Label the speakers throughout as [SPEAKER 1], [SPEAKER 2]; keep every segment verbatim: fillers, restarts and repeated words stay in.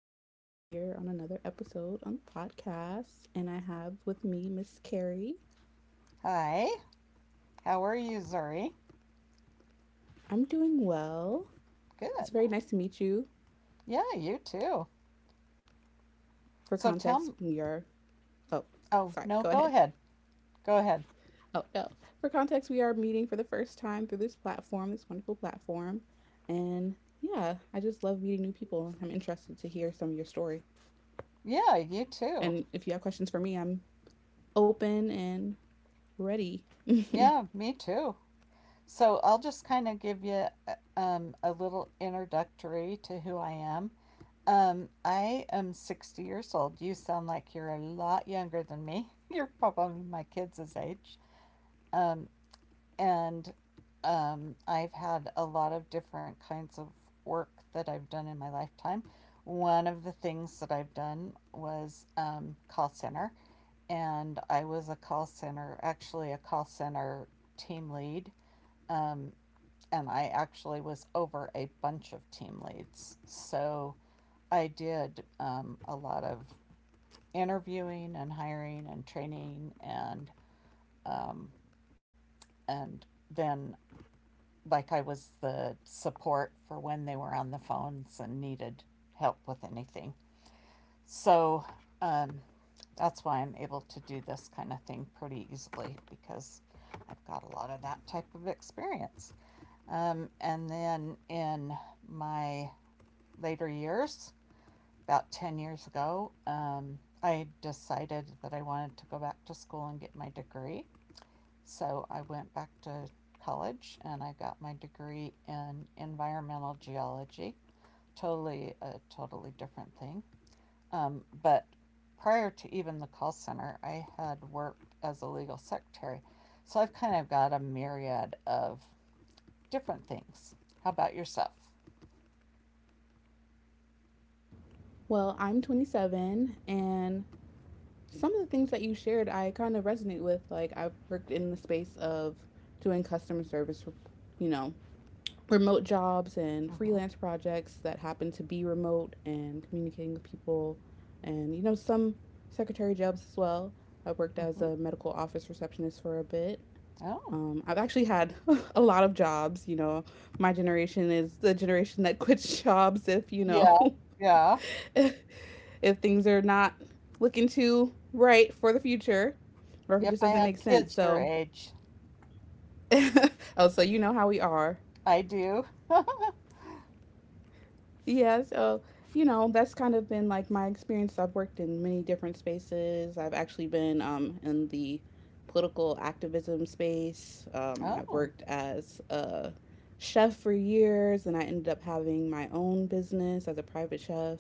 [SPEAKER 1] and I am here on another episode on the podcast. And I have with me Miss Carrie.
[SPEAKER 2] Hi, how are you, Zuri?
[SPEAKER 1] I'm doing well. It's
[SPEAKER 2] Good.
[SPEAKER 1] very nice to meet you.
[SPEAKER 2] Yeah, you too.
[SPEAKER 1] For
[SPEAKER 2] So tell
[SPEAKER 1] context,
[SPEAKER 2] me.
[SPEAKER 1] we are. Oh,
[SPEAKER 2] Oh,
[SPEAKER 1] sorry.
[SPEAKER 2] no,
[SPEAKER 1] Go
[SPEAKER 2] go
[SPEAKER 1] ahead.
[SPEAKER 2] ahead. Go ahead.
[SPEAKER 1] Oh, no. For context, we are meeting for the first time through this platform, this wonderful platform. And yeah, I just love meeting new people. I'm interested to hear some of your story.
[SPEAKER 2] Yeah, you too.
[SPEAKER 1] And if you have questions for me, I'm open and ready.
[SPEAKER 2] Yeah, me too. So I'll just kind of give you uh, um, a little introductory to who I am. Um, I am sixty years old. You sound like you're a lot younger than me. You're probably my kids' age. Um, and um, I've had a lot of different kinds of work that I've done in my lifetime. One of the things that I've done was um, call center, and I was a call center, actually, a call center team lead. Um, and I actually was over a bunch of team leads. So I did um, a lot of interviewing and hiring and training and um, and then like I was the support for when they were on the phones and needed help with anything. So um, that's why I'm able to do this kind of thing pretty easily because I've got a lot of that type of experience. Um, and then in my later years, about ten years ago, um, I decided that I wanted to go back to school and get my degree. So I went back to college and I got my degree in environmental geology. Totally. A totally different thing. Um, but prior to even the call center, I had worked as a legal secretary. So I've kind of got a myriad of different things. How about yourself?
[SPEAKER 1] Well, I'm twenty-seven, and some of the things that you shared, I kind of resonate with. Like, I've worked in the space of doing customer service, for, you know, remote jobs and
[SPEAKER 2] Mm-hmm.
[SPEAKER 1] freelance projects that happen to be remote and communicating with people, and, you know, some secretary jobs as well. I worked as
[SPEAKER 2] Mm-hmm.
[SPEAKER 1] a medical office receptionist for a bit.
[SPEAKER 2] Oh,
[SPEAKER 1] Um, I've actually had a lot of jobs. You know, my generation is the generation that quits jobs if, you know,
[SPEAKER 2] yeah. Yeah.
[SPEAKER 1] if things are not looking too right for the future or if it
[SPEAKER 2] Yep.
[SPEAKER 1] just
[SPEAKER 2] I
[SPEAKER 1] doesn't make
[SPEAKER 2] have
[SPEAKER 1] sense.
[SPEAKER 2] kids your
[SPEAKER 1] So,
[SPEAKER 2] age.
[SPEAKER 1] oh, so you know how we are.
[SPEAKER 2] I do.
[SPEAKER 1] Yeah, so, you know, that's kind of been like my experience. I've worked in many different spaces. I've actually been um, in the political activism space. Um, I've
[SPEAKER 2] Oh,
[SPEAKER 1] worked as a chef for years and I ended up having my own business as a private chef.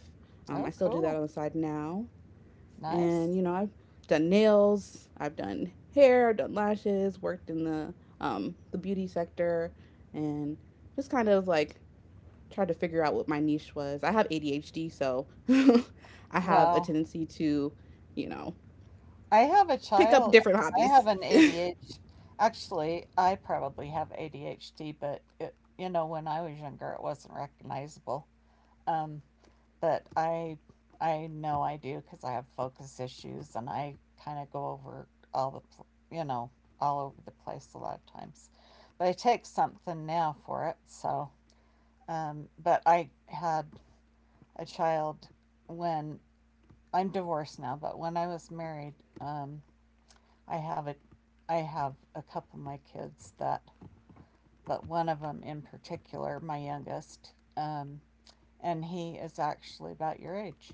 [SPEAKER 1] Um, I
[SPEAKER 2] oh,
[SPEAKER 1] still do that
[SPEAKER 2] cool.
[SPEAKER 1] on the side now. And
[SPEAKER 2] Nice.
[SPEAKER 1] you know I've done nails, I've done hair, I've done lashes, worked in the um, the beauty sector, and just kind of like tried to figure out what my niche was. I have A D H D, so I have a
[SPEAKER 2] Wow.
[SPEAKER 1] tendency to, you know,
[SPEAKER 2] I have a
[SPEAKER 1] pick up
[SPEAKER 2] child.
[SPEAKER 1] different
[SPEAKER 2] I have
[SPEAKER 1] hobbies.
[SPEAKER 2] an A D H D. Actually, I probably have A D H D, but it, you know, when I was younger, it wasn't recognizable. Um, but I, I know I do because I have focus issues, and I kind of go over all the, pl- you know, all over the place a lot of times. But I take something now for it. So, um, but I had a child when, I'm divorced now, but when I was married, um, I have a, I have a couple of my kids that, but one of them in particular, my youngest, um, and he is actually about your age,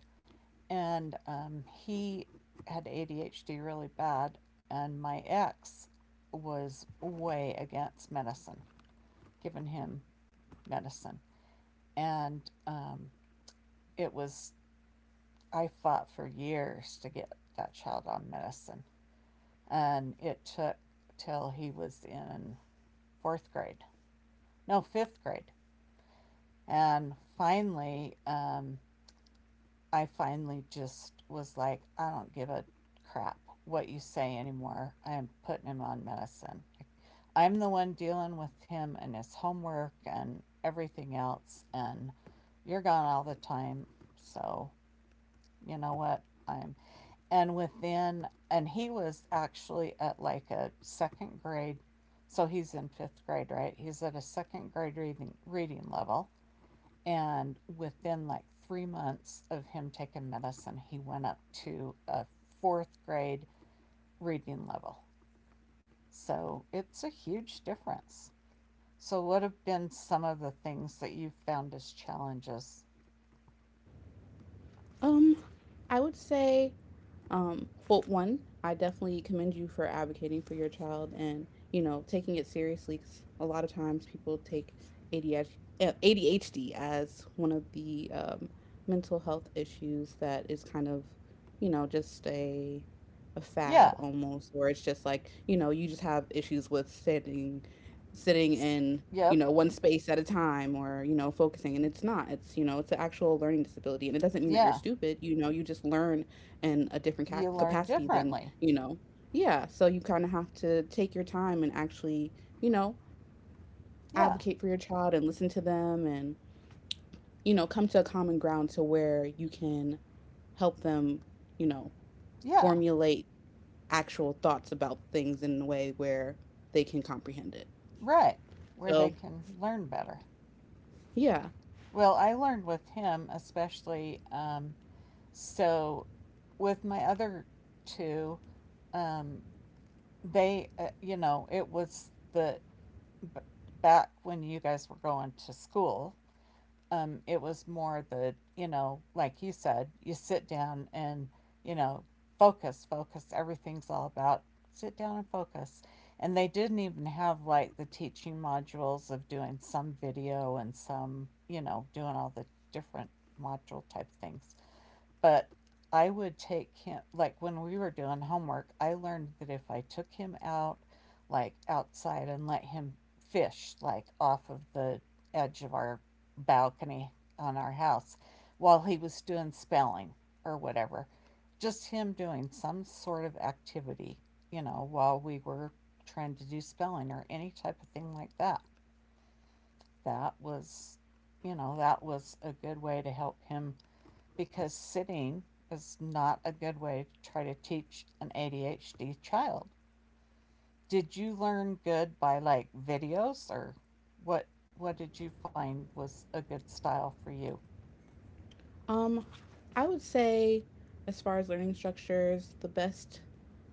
[SPEAKER 2] and um, he had A D H D really bad, and my ex was way against medicine, giving him medicine, and um, it was I fought for years to get that child on medicine. And it took till he was in fourth grade, no, fifth grade. And finally, um, I finally just was like, I don't give a crap what you say anymore. I am putting him on medicine. I'm the one dealing with him and his homework and everything else, and you're gone all the time. So you know what? I'm and within and he was actually at like a second grade, so he's in fifth grade, right? He's at a second grade reading reading level, and within like three months of him taking medicine, he went up to a fourth grade reading level. So it's a huge difference. So what have been some of the things that you've found as challenges?
[SPEAKER 1] um, I would say. Um, well, one, I definitely commend you for advocating for your child and, you know, taking it seriously 'cause a lot of times people take A D H D, uh, as one of the um, mental health issues that is kind of, you know, just a a
[SPEAKER 2] Yeah.
[SPEAKER 1] fad almost, or it's just like, you know, you just have issues with sitting sitting in, you
[SPEAKER 2] Yep.
[SPEAKER 1] know, one space at a time or, you know, focusing. And it's not. It's, you know, it's an actual learning disability. And it doesn't mean that you're
[SPEAKER 2] Yeah.
[SPEAKER 1] stupid. You know, you just learn in a different
[SPEAKER 2] You
[SPEAKER 1] cap-
[SPEAKER 2] learn
[SPEAKER 1] capacity than
[SPEAKER 2] differently.
[SPEAKER 1] you know. Yeah, so you kind of have to take your time and actually, you know,
[SPEAKER 2] Yeah,
[SPEAKER 1] advocate for your child and listen to them and, you know, come to a common ground to where you can help them, you know,
[SPEAKER 2] yeah,
[SPEAKER 1] formulate actual thoughts about things in a way where they can comprehend it.
[SPEAKER 2] right. Where they
[SPEAKER 1] So
[SPEAKER 2] can learn better.
[SPEAKER 1] yeah.
[SPEAKER 2] Well, I learned with him, especially. Um, so, with my other two, um, they, uh, you know, it was the b- back when you guys were going to school. Um, it was more the, you know, like you said, you sit down and, you know, focus, focus. Everything's all about sit down and focus. And they didn't even have like the teaching modules of doing some video and some, you know, doing all the different module type things. But I would take him, like when we were doing homework, I learned that if I took him out, like outside, and let him fish, like off of the edge of our balcony on our house while he was doing spelling or whatever, just him doing some sort of activity, you know, while we were trying to do spelling or any type of thing like that, that was, you know, that was a good way to help him because sitting is not a good way to try to teach an A D H D child. Did you learn good by like videos or what what did you find was a good style for you?
[SPEAKER 1] Um, I would say, as far as learning structures, the best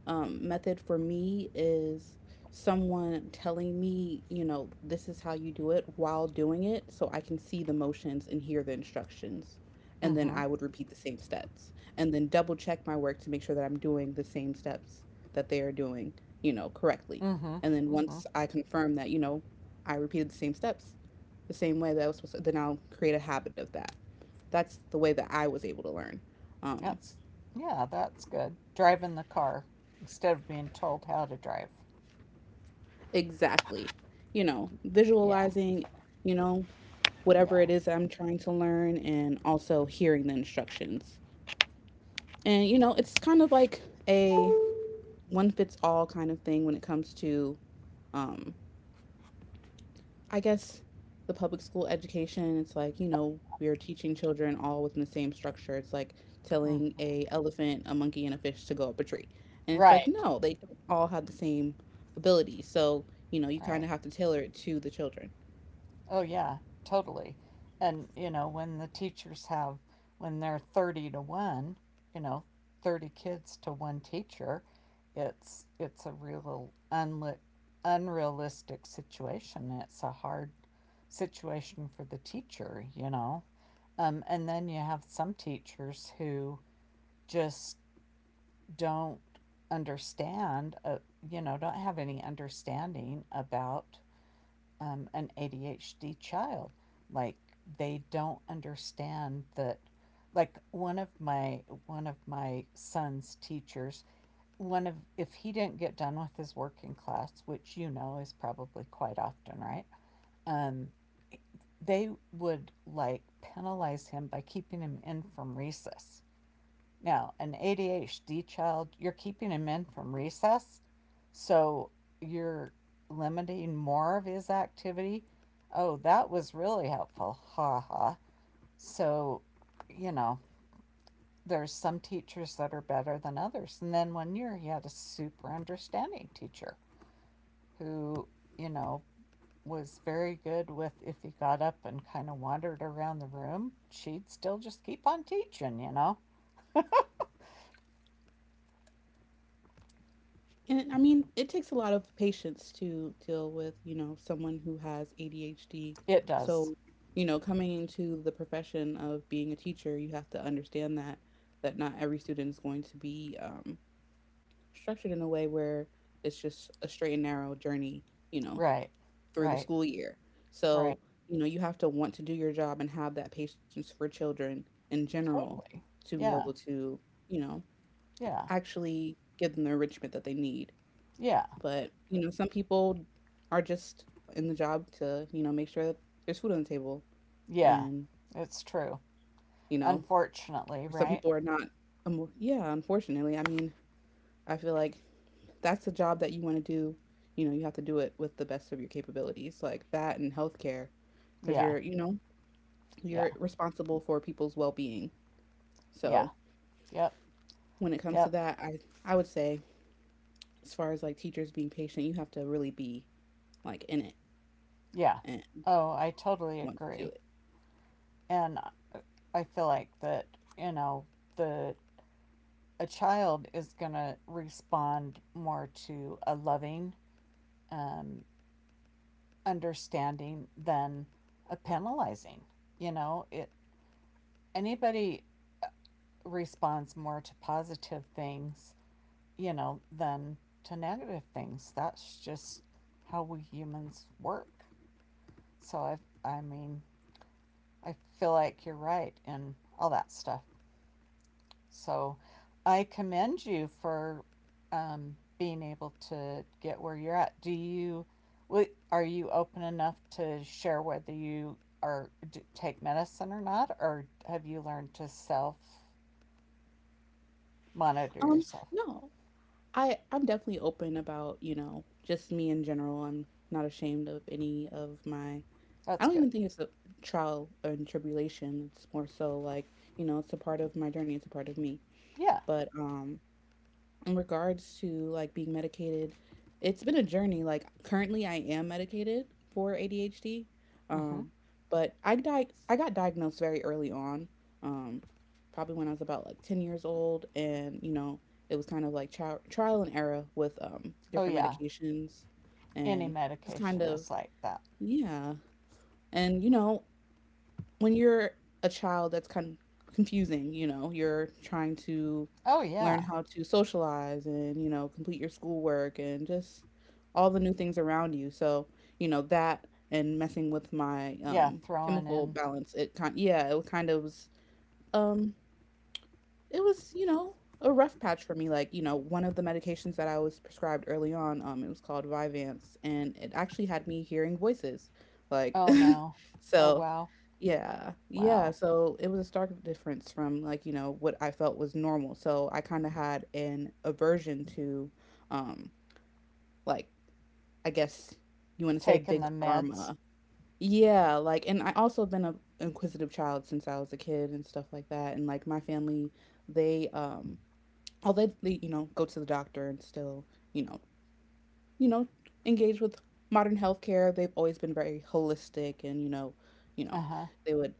[SPEAKER 1] um, method for me is someone telling me, you know, this is how you do it while doing it, so I can see the motions and hear the instructions. And then
[SPEAKER 2] Mhm.
[SPEAKER 1] I would repeat the same steps and then double check my work to make sure that I'm doing the same steps that they are doing, you know, correctly.
[SPEAKER 2] Mhm.
[SPEAKER 1] And then
[SPEAKER 2] Mhm.
[SPEAKER 1] once I confirm that, you know, I repeated the same steps the same way that I was supposed to, then I'll create a habit of that. That's the way that I was able to learn. Um,
[SPEAKER 2] That's Yeah, that's good. Driving the car instead of being told how to drive.
[SPEAKER 1] exactly. You know,
[SPEAKER 2] Yeah.
[SPEAKER 1] visualizing, you know, whatever
[SPEAKER 2] Yeah.
[SPEAKER 1] it is that I'm trying to learn and also hearing the instructions. And, you know, it's kind of like a one fits all kind of thing when it comes to um, I guess the public school education. It's like, you know, we are teaching children all within the same structure. It's like
[SPEAKER 2] Mm.
[SPEAKER 1] telling a elephant, a monkey, and a fish to go up a tree. And it's like,
[SPEAKER 2] Right.
[SPEAKER 1] no, they don't all have the same ability. So, you know, you kind
[SPEAKER 2] Right.
[SPEAKER 1] of have to tailor it to the children.
[SPEAKER 2] Oh, yeah, totally. And, you know, when the teachers have, when they're thirty to one, you know, thirty kids to one teacher, it's it's a real unlit, unrealistic situation. It's a hard situation for the teacher, you know. Um, and then you have some teachers who just don't understand, uh, you know, don't have any understanding about um, an A D H D child. Like they don't understand that. Like one of my one of my son's teachers, one of if he didn't get done with his work in class, which you know is probably quite often, right? Um, they would like penalize him by keeping him in from recess. Now, an A D H D child, you're keeping him in from recess, so you're limiting more of his activity. Oh, that was really helpful. Ha ha. So, you know, there's some teachers that are better than others. And then one year he had a super understanding teacher who, you know, was very good with if he got up and kind of wandered around the room, she'd still just keep on teaching, you know?
[SPEAKER 1] And it- I mean, it takes a lot of patience to deal with, you know, someone who has A D H D.
[SPEAKER 2] It does.
[SPEAKER 1] So, you know, coming into the profession of being a teacher, you have to understand that that not every student is going to be um, structured in a way where it's just a straight and narrow journey, you know,
[SPEAKER 2] Right.
[SPEAKER 1] through the
[SPEAKER 2] Right.
[SPEAKER 1] school year.
[SPEAKER 2] Right.
[SPEAKER 1] So, you know, you have to want to do your job and have that patience for children in general
[SPEAKER 2] Totally.
[SPEAKER 1] to be
[SPEAKER 2] Yeah.
[SPEAKER 1] able to, you know,
[SPEAKER 2] Yeah.
[SPEAKER 1] actually give them the enrichment that they need.
[SPEAKER 2] Yeah.
[SPEAKER 1] But, you know, some people are just in the job to, you know, make sure that there's food on the table.
[SPEAKER 2] Yeah.
[SPEAKER 1] And,
[SPEAKER 2] It's true.
[SPEAKER 1] you know,
[SPEAKER 2] Unfortunately,
[SPEAKER 1] some
[SPEAKER 2] right?
[SPEAKER 1] people are not, um, yeah, unfortunately. I mean, I feel like that's a job that you want to do. You know, you have to do it with the best of your capabilities, like that and healthcare, because
[SPEAKER 2] Yeah.
[SPEAKER 1] you're, you know,
[SPEAKER 2] Yeah.
[SPEAKER 1] you're responsible for people's well-being.
[SPEAKER 2] Yeah.
[SPEAKER 1] So
[SPEAKER 2] Yep.
[SPEAKER 1] when it comes to
[SPEAKER 2] Yep.
[SPEAKER 1] that, I I would say, as far as like teachers being patient, you have to really be like in it
[SPEAKER 2] Yeah.
[SPEAKER 1] and
[SPEAKER 2] Oh, I totally
[SPEAKER 1] want to do
[SPEAKER 2] agree.
[SPEAKER 1] it.
[SPEAKER 2] And I I feel like that, you know, the a child is going to respond more to a loving, um, understanding than a penalizing. You know, it anybody responds more to positive things, you know, than to negative things. That's just how we humans work. So I I mean, I feel like you're right in all that stuff. So I commend you for um, being able to get where you're at. Do you wi- are you open enough to share whether you are take medicine or not, or have you learned to self monitor
[SPEAKER 1] Um,
[SPEAKER 2] yourself?
[SPEAKER 1] no, I I'm definitely open about, you know, just me in general. I'm not ashamed of any of my. I
[SPEAKER 2] That's
[SPEAKER 1] don't
[SPEAKER 2] good.
[SPEAKER 1] even think it's a trial and tribulation. It's more so like, you know, it's a part of my journey, it's a part of me.
[SPEAKER 2] Yeah.
[SPEAKER 1] But um in regards to like being medicated, it's been a journey. Like currently I am medicated for A D H D.
[SPEAKER 2] Mm-hmm.
[SPEAKER 1] Um but I di- I got diagnosed very early on. Um probably when I was about like ten years old and, you know, it was kind of like tri- trial and error with um
[SPEAKER 2] Oh,
[SPEAKER 1] different
[SPEAKER 2] yeah.
[SPEAKER 1] medications
[SPEAKER 2] Any
[SPEAKER 1] and just kind
[SPEAKER 2] medication
[SPEAKER 1] of
[SPEAKER 2] is like that.
[SPEAKER 1] yeah. And you know, when you're a child, that's kind of confusing. You know, you're trying to
[SPEAKER 2] Oh,
[SPEAKER 1] learn
[SPEAKER 2] yeah.
[SPEAKER 1] how to socialize and, you know, complete your schoolwork and just all the new things around you. So, you know, that and messing with my
[SPEAKER 2] Yeah,
[SPEAKER 1] um,
[SPEAKER 2] throwing
[SPEAKER 1] chemical
[SPEAKER 2] in,
[SPEAKER 1] balance, it kind yeah, it was kind of was um, it was, you know, a rough patch for me. Like, you know, one of the medications that I was prescribed early on, um, it was called Vyvanse, and it actually had me hearing voices. Like,
[SPEAKER 2] oh no, oh
[SPEAKER 1] so
[SPEAKER 2] wow,
[SPEAKER 1] yeah, yeah.
[SPEAKER 2] wow.
[SPEAKER 1] So it was a stark difference from like, you know, what I felt was normal. So I kind of had an aversion to, um, like, I guess you want to say
[SPEAKER 2] Taking
[SPEAKER 1] big
[SPEAKER 2] the meds.
[SPEAKER 1] pharma. Yeah, like, and I also been a inquisitive child since I was a kid and stuff like that. And like my family, they um although they, you know, go to the doctor and still, you know you know, engage with modern healthcare, they've always been very holistic. And, you know you know,
[SPEAKER 2] Uh huh.
[SPEAKER 1] they would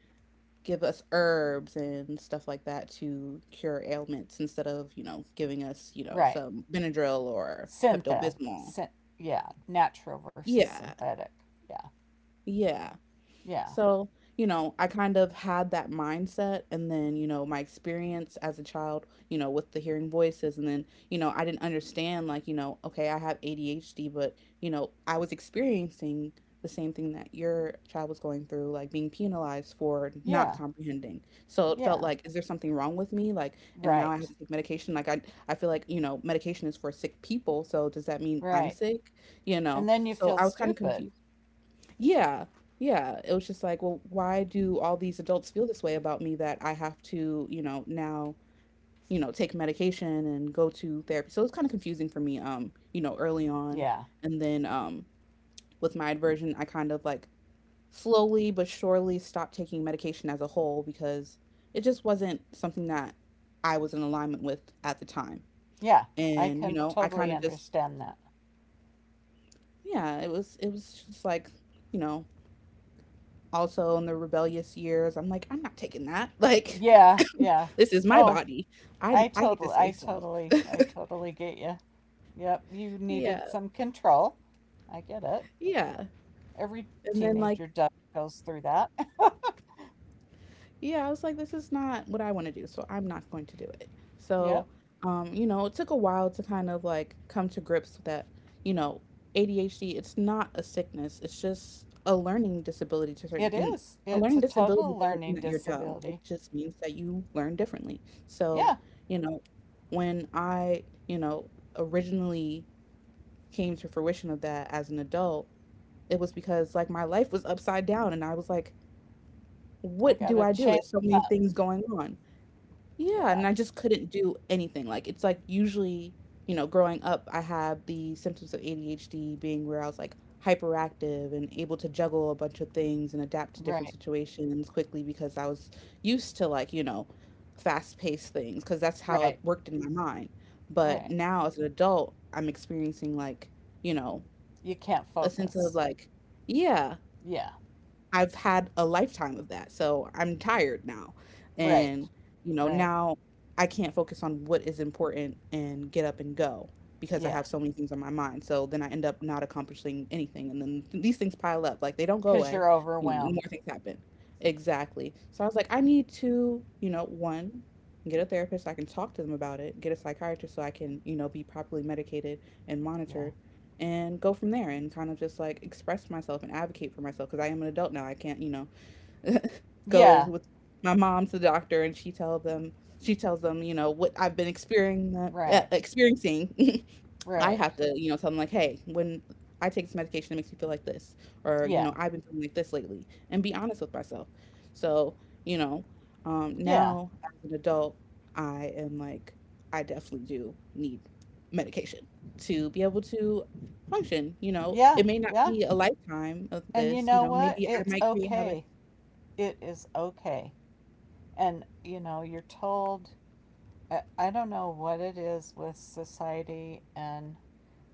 [SPEAKER 1] give us herbs and stuff like that to cure ailments instead of, you know, giving us, you know,
[SPEAKER 2] Right.
[SPEAKER 1] some benadryl or
[SPEAKER 2] Synthetic.
[SPEAKER 1] pepto-bismol.
[SPEAKER 2] Syn- yeah. Natural versus
[SPEAKER 1] Yeah,
[SPEAKER 2] synthetic. Yeah.
[SPEAKER 1] yeah.
[SPEAKER 2] Yeah.
[SPEAKER 1] So, you know, I kind of had that mindset. And then, you know, my experience as a child, you know, with the hearing voices. And then, you know, I didn't understand, like, you know, okay, I have A D H D, but, you know, I was experiencing the same thing that your child was going through, like being penalized for not
[SPEAKER 2] Yeah.
[SPEAKER 1] comprehending. So it felt
[SPEAKER 2] Yeah.
[SPEAKER 1] like, is there something wrong with me? Like, and now I have
[SPEAKER 2] Right.
[SPEAKER 1] to take medication. Like, I, I feel like, you know, medication is for sick people. So does that mean I'm
[SPEAKER 2] Right.
[SPEAKER 1] sick? You
[SPEAKER 2] And
[SPEAKER 1] know?
[SPEAKER 2] then you
[SPEAKER 1] So
[SPEAKER 2] feel
[SPEAKER 1] I was kind of
[SPEAKER 2] stupid.
[SPEAKER 1] confused. Yeah. Yeah. It was just like, well, why do all these adults feel this way about me that I have to, you know, now, you know, take medication and go to therapy. So it was kind of confusing for me, um, you know, early on.
[SPEAKER 2] Yeah.
[SPEAKER 1] And then um with my adversion, I kind of like slowly but surely stopped taking medication as a whole because it just wasn't something that I was in alignment with at the time.
[SPEAKER 2] Yeah. I
[SPEAKER 1] And, you
[SPEAKER 2] can
[SPEAKER 1] know, I
[SPEAKER 2] totally
[SPEAKER 1] kind of just
[SPEAKER 2] understand that.
[SPEAKER 1] yeah, it was it was just like, you know, also in the rebellious years, I'm like, I'm not taking that. Like,
[SPEAKER 2] Yeah. Yeah.
[SPEAKER 1] this is my
[SPEAKER 2] Oh,
[SPEAKER 1] body.
[SPEAKER 2] I
[SPEAKER 1] I I get
[SPEAKER 2] totally,
[SPEAKER 1] to
[SPEAKER 2] I
[SPEAKER 1] say so.
[SPEAKER 2] totally, I totally get you. Yep, you needed
[SPEAKER 1] Yeah,
[SPEAKER 2] some control. I get it.
[SPEAKER 1] yeah.
[SPEAKER 2] Every
[SPEAKER 1] And then like
[SPEAKER 2] teenager does, goes through that.
[SPEAKER 1] yeah, I was like, this is not what I want to do, so I'm not going to do it. So,
[SPEAKER 2] Yep,
[SPEAKER 1] um, you know, it took a while to kind of like come to grips with that, you know, A D H D, it's not a sickness, it's just a learning disability to certain
[SPEAKER 2] it
[SPEAKER 1] and
[SPEAKER 2] is.
[SPEAKER 1] a
[SPEAKER 2] It's
[SPEAKER 1] learning
[SPEAKER 2] a
[SPEAKER 1] disability
[SPEAKER 2] total
[SPEAKER 1] doesn't
[SPEAKER 2] learning
[SPEAKER 1] mean that you're dumb. It
[SPEAKER 2] disability.
[SPEAKER 1] just means that you learn differently. So,
[SPEAKER 2] Yeah,
[SPEAKER 1] you know, when I, you know, originally came to fruition of that as an adult, it was because like my life was upside down and I was like
[SPEAKER 2] I
[SPEAKER 1] what do
[SPEAKER 2] gotta
[SPEAKER 1] I do?
[SPEAKER 2] change
[SPEAKER 1] There's so many
[SPEAKER 2] up.
[SPEAKER 1] things going on. Yeah, and
[SPEAKER 2] Yeah,
[SPEAKER 1] I just couldn't do anything. Like it's like usually, you know, growing up, I have the symptoms of A D H D being where I was like hyperactive and able to juggle a bunch of things and adapt to different
[SPEAKER 2] right,
[SPEAKER 1] situations quickly because I was used to like, you know, fast-paced things because that's how it
[SPEAKER 2] right,
[SPEAKER 1] worked in my mind. But
[SPEAKER 2] right.
[SPEAKER 1] now as an adult, I'm experiencing like, you know,
[SPEAKER 2] You can't
[SPEAKER 1] a sense of
[SPEAKER 2] focus.
[SPEAKER 1] like, yeah,
[SPEAKER 2] Yeah,
[SPEAKER 1] I've had a lifetime of that. So I'm tired now.
[SPEAKER 2] right,
[SPEAKER 1] And, you know,
[SPEAKER 2] right.
[SPEAKER 1] Now I can't focus on what is important and get up and go because I
[SPEAKER 2] Yeah,
[SPEAKER 1] have so many things on my mind. So then I end up not accomplishing anything. And then these things pile up. Like they don't go
[SPEAKER 2] because
[SPEAKER 1] away,
[SPEAKER 2] you're
[SPEAKER 1] you know, and more
[SPEAKER 2] overwhelmed.
[SPEAKER 1] things happen. Exactly. So I was like, I need to, you know, one, get a therapist, so I can talk to them about it, get a psychiatrist so I can, you know, be properly medicated and
[SPEAKER 2] Yeah,
[SPEAKER 1] monitored and go from there and kind of just like express myself and advocate for myself because I am an adult now. I can't, you know, go
[SPEAKER 2] yeah,
[SPEAKER 1] with my mom to the doctor and she tell them she tells them, you know, what I've been experiencing, uh,
[SPEAKER 2] right,
[SPEAKER 1] experiencing I
[SPEAKER 2] right.
[SPEAKER 1] have to, you know, tell them like, hey, when I take this medication, it makes me feel like this, or you
[SPEAKER 2] Yeah,
[SPEAKER 1] know, I've been feeling like this lately, and be honest with myself. So, you know, um,
[SPEAKER 2] yeah,
[SPEAKER 1] now as an adult, I am like, I definitely do need medication to be able to function. You know,
[SPEAKER 2] yeah,
[SPEAKER 1] it may not
[SPEAKER 2] yeah.
[SPEAKER 1] be a lifetime of
[SPEAKER 2] And you
[SPEAKER 1] this. You
[SPEAKER 2] know
[SPEAKER 1] know,
[SPEAKER 2] what?
[SPEAKER 1] maybe I
[SPEAKER 2] It's
[SPEAKER 1] might create habits.
[SPEAKER 2] okay. It is okay. And you know, you're told, I, I don't know what it is with society and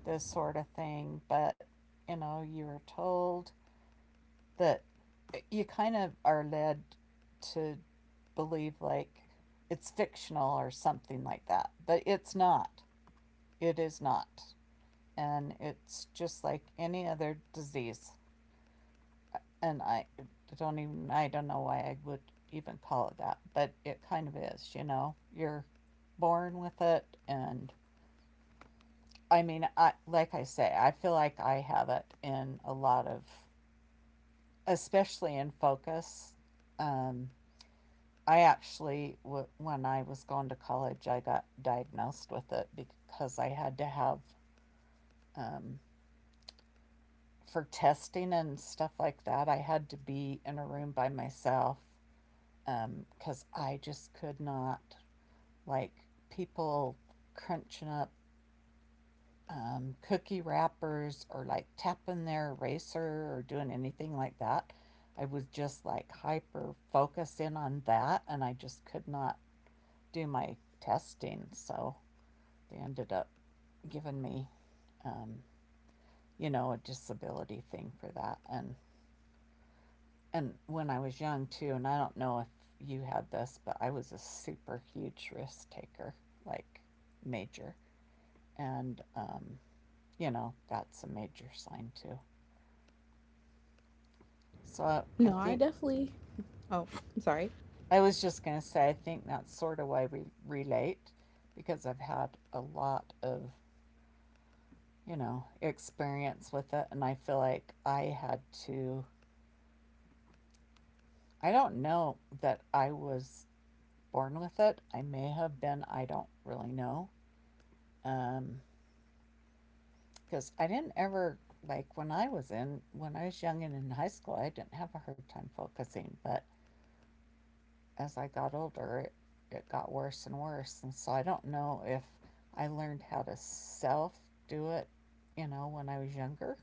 [SPEAKER 2] this sort of thing, but you know, you're told that you kind of are led to believe like it's fictional or something like that, but it's not. It is not. And it's just like any other disease. And I don't even, I don't know why I would even call it that, but it kind of is, you know. You're born with it. And I mean, I like I say, I feel like I have it in a lot of, especially in focus. Um I actually w- when I was going to college, I got diagnosed with it because I had to have, for testing and stuff like that, I had to be in a room by myself um, because I just could not, like people crunching up um, cookie wrappers or like tapping their eraser or doing anything like that. I was just like hyper focused in on that, and I just could not do my testing. So they ended up giving me, um, you know, a disability thing for that. And, and when I was young too, and I don't know if you had this, but I was a super huge risk taker, like major. And um, you know, that's a major sign too. So I
[SPEAKER 1] No, I
[SPEAKER 2] think,
[SPEAKER 1] definitely. Oh, I'm sorry.
[SPEAKER 2] I was just going to say, I think that's sort of why we relate because I've had a lot of, you know, experience with it. And I feel like I had to, I don't know that I was born with it. I may have been, I don't really know. Um, because I didn't ever, like when I was in, when I was young and in high school, I didn't have a hard time focusing, but as I got older, it, it got worse and worse. And so I don't know if I learned how to self do it, you know, when I was younger.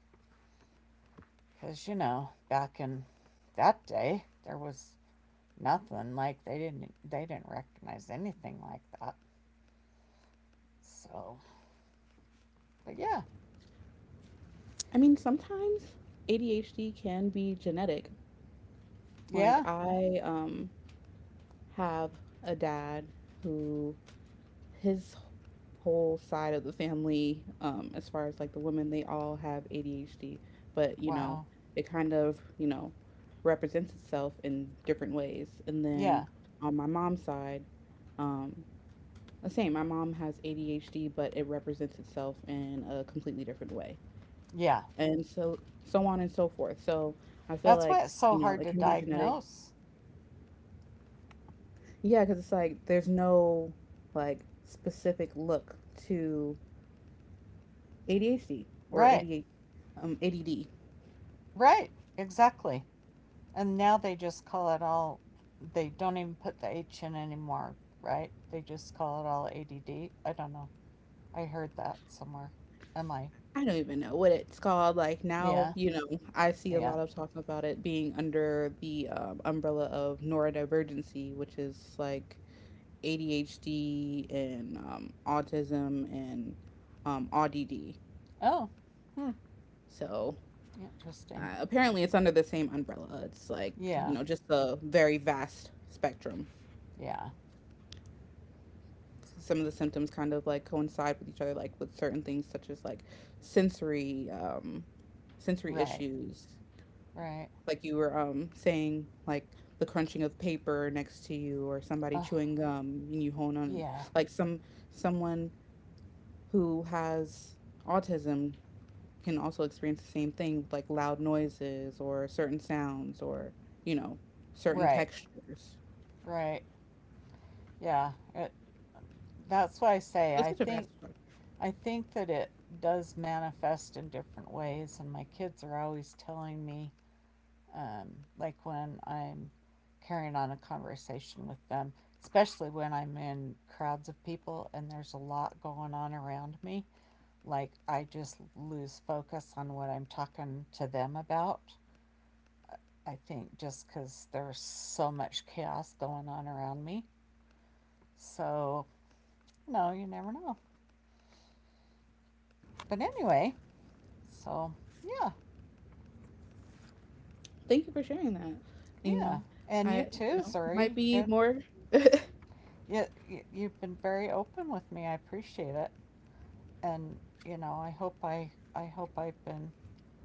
[SPEAKER 2] Because, you know, back in that day, there was nothing like they didn't they didn't recognize anything like that, so but yeah.
[SPEAKER 1] I mean, sometimes A D H D can be genetic. Like
[SPEAKER 2] Yeah.
[SPEAKER 1] I, um, have a dad who his whole side of the family, um, as far as like the women, they all have A D H D, but you know,
[SPEAKER 2] Wow.
[SPEAKER 1] it kind of, you know, represents itself in different ways. And then
[SPEAKER 2] Yeah.
[SPEAKER 1] on my mom's side, um, the same, my mom has A D H D, but it represents itself in a completely different way.
[SPEAKER 2] Yeah,
[SPEAKER 1] And so, so on and so forth. So I feel
[SPEAKER 2] that's why
[SPEAKER 1] like,
[SPEAKER 2] it's so
[SPEAKER 1] you know,
[SPEAKER 2] hard
[SPEAKER 1] it
[SPEAKER 2] to
[SPEAKER 1] can be genetic.
[SPEAKER 2] diagnose.
[SPEAKER 1] Yeah, because it's like there's no like specific look to A D H D or
[SPEAKER 2] Right.
[SPEAKER 1] A D H, um, A D D.
[SPEAKER 2] Right. Exactly. And now they just call it all, they don't even put the H in anymore, right? They just call it all A D D. I don't know. I heard that somewhere. Am I?
[SPEAKER 1] I don't even know what it's called. Like now,
[SPEAKER 2] Yeah.
[SPEAKER 1] you know, I see a
[SPEAKER 2] Yeah.
[SPEAKER 1] lot of talking about it being under the um, umbrella of neurodivergency, which is like A D H D and um, autism and um, A D D.
[SPEAKER 2] Oh, hmm.
[SPEAKER 1] So uh,
[SPEAKER 2] Interesting.
[SPEAKER 1] apparently, it's under the same umbrella. It's like you
[SPEAKER 2] Yeah.
[SPEAKER 1] know, just a very vast spectrum.
[SPEAKER 2] Yeah.
[SPEAKER 1] Some of the symptoms kind of like coincide with each other, like with certain things such as like sensory um, sensory
[SPEAKER 2] Right.
[SPEAKER 1] issues.
[SPEAKER 2] Right.
[SPEAKER 1] Like you were um, saying, like the crunching of paper next to you, or somebody
[SPEAKER 2] Oh,
[SPEAKER 1] chewing gum, and you hone on
[SPEAKER 2] yeah.
[SPEAKER 1] like some someone who has autism can also experience the same thing, like loud noises or certain sounds or you know certain
[SPEAKER 2] Right.
[SPEAKER 1] textures.
[SPEAKER 2] Right. Yeah. It, that's why I say
[SPEAKER 1] So it's
[SPEAKER 2] I
[SPEAKER 1] such a vast.
[SPEAKER 2] think I think that it does manifest in different ways, and my kids are always telling me, um, like when I'm carrying on a conversation with them, especially when I'm in crowds of people and there's a lot going on around me. Like I just lose focus on what I'm talking to them about. I think just because there's so much chaos going on around me. So, no, you never know. But anyway, so yeah,
[SPEAKER 1] Thank you for sharing that. You
[SPEAKER 2] yeah.
[SPEAKER 1] know,
[SPEAKER 2] And you
[SPEAKER 1] I you
[SPEAKER 2] too,
[SPEAKER 1] know
[SPEAKER 2] Zuri.
[SPEAKER 1] might be
[SPEAKER 2] It,
[SPEAKER 1] more.
[SPEAKER 2] it, you've been very open with me. I appreciate it. And you know, i hope i I hope I've been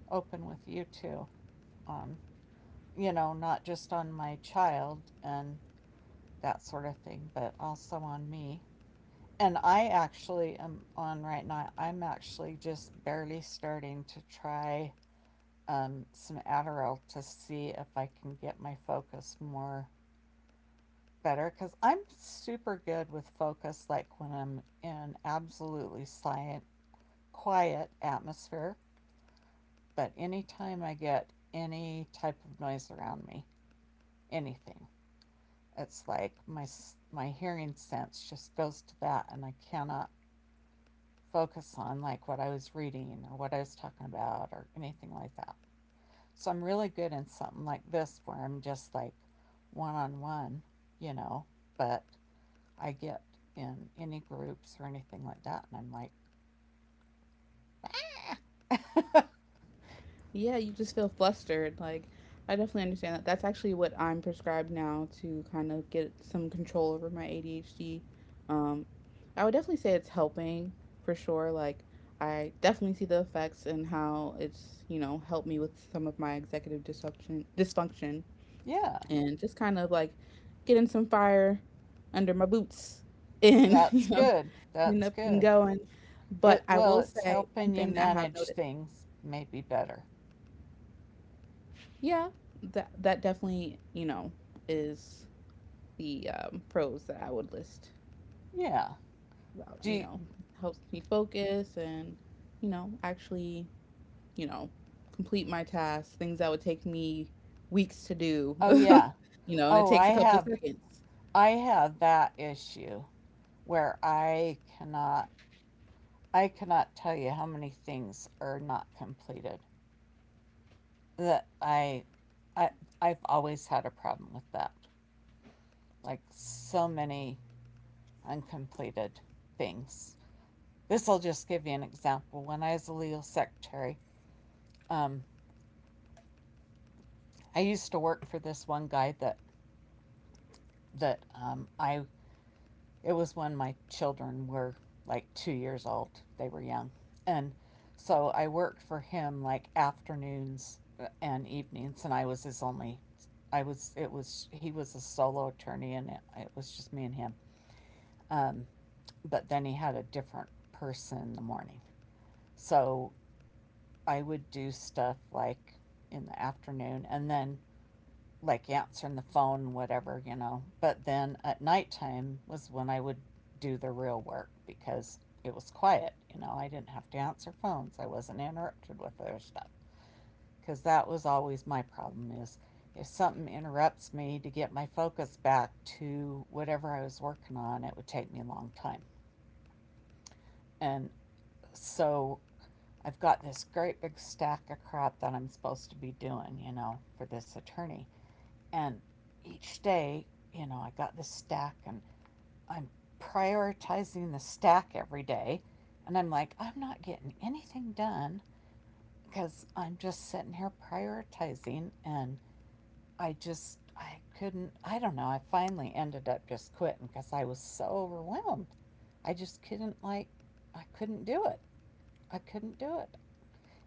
[SPEAKER 2] open with you too, on, you know, not just on my child and that sort of thing, but also on me. And I actually am on right now. I'm actually just barely starting to try um, some Adderall to see if I can get my focus more better, because I'm super good with focus, like when I'm in absolutely silent, quiet atmosphere. But anytime I get any type of noise around me, anything, it's like my my hearing sense just goes to that, and I cannot focus on like what I was reading or what I was talking about or anything like that. So I'm really good in something like this, where I'm just like one on one, you know. But I get in any groups or anything like that, and I'm like,
[SPEAKER 1] Yeah, you just feel flustered. Like, I definitely understand that. That's actually what I'm prescribed now to kind of get some control over my A D H D. Um, I would definitely say it's helping for sure. Like, I definitely see the effects and how it's, you know, helped me with some of my executive dysfunction, dysfunction
[SPEAKER 2] yeah,
[SPEAKER 1] and just kind of like getting some fire under my boots and,
[SPEAKER 2] that's
[SPEAKER 1] you know,
[SPEAKER 2] good,
[SPEAKER 1] getting
[SPEAKER 2] that's
[SPEAKER 1] up and
[SPEAKER 2] good.
[SPEAKER 1] going. But
[SPEAKER 2] It,
[SPEAKER 1] I
[SPEAKER 2] well,
[SPEAKER 1] will
[SPEAKER 2] it's
[SPEAKER 1] say one
[SPEAKER 2] helping you
[SPEAKER 1] thing that I have
[SPEAKER 2] manage
[SPEAKER 1] noticed.
[SPEAKER 2] things maybe better.
[SPEAKER 1] Yeah, that that definitely, you know, is the um, pros that I would list
[SPEAKER 2] Yeah.
[SPEAKER 1] about,
[SPEAKER 2] Do
[SPEAKER 1] you
[SPEAKER 2] you,
[SPEAKER 1] know, helps me focus and, you know, actually, you know, complete my tasks, things that would take me weeks to do,
[SPEAKER 2] oh yeah.
[SPEAKER 1] you know, and it
[SPEAKER 2] Oh,
[SPEAKER 1] takes
[SPEAKER 2] I
[SPEAKER 1] a couple of
[SPEAKER 2] have
[SPEAKER 1] seconds.
[SPEAKER 2] I have that issue where I cannot I cannot tell you how many things are not completed. That I I I've always had a problem with that. Like so many uncompleted things. This will just give you an example. When I was a legal secretary, um, I used to work for this one guy that that um, I it was when my children were like two years old. They were young, and so I worked for him like afternoons and evenings, and I was his only. I was it was He was a solo attorney, and it, it was just me and him. Um, but then he had a different person in the morning, so I would do stuff like in the afternoon, and then like answering the phone, whatever, you know. But then at nighttime was when I would do the real work, because it was quiet, you know. I didn't have to answer phones. I wasn't interrupted with other stuff, because that was always my problem is, if something interrupts me to get my focus back to whatever I was working on, it would take me a long time. And so I've got this great big stack of crap that I'm supposed to be doing, you know, for this attorney. And each day, you know, I got this stack, and I'm prioritizing the stack every day. And I'm like, I'm not getting anything done because I'm just sitting here prioritizing. And I just, I couldn't, I don't know. I finally ended up just quitting because I was so overwhelmed. I just couldn't, like, I couldn't do it. I couldn't do it.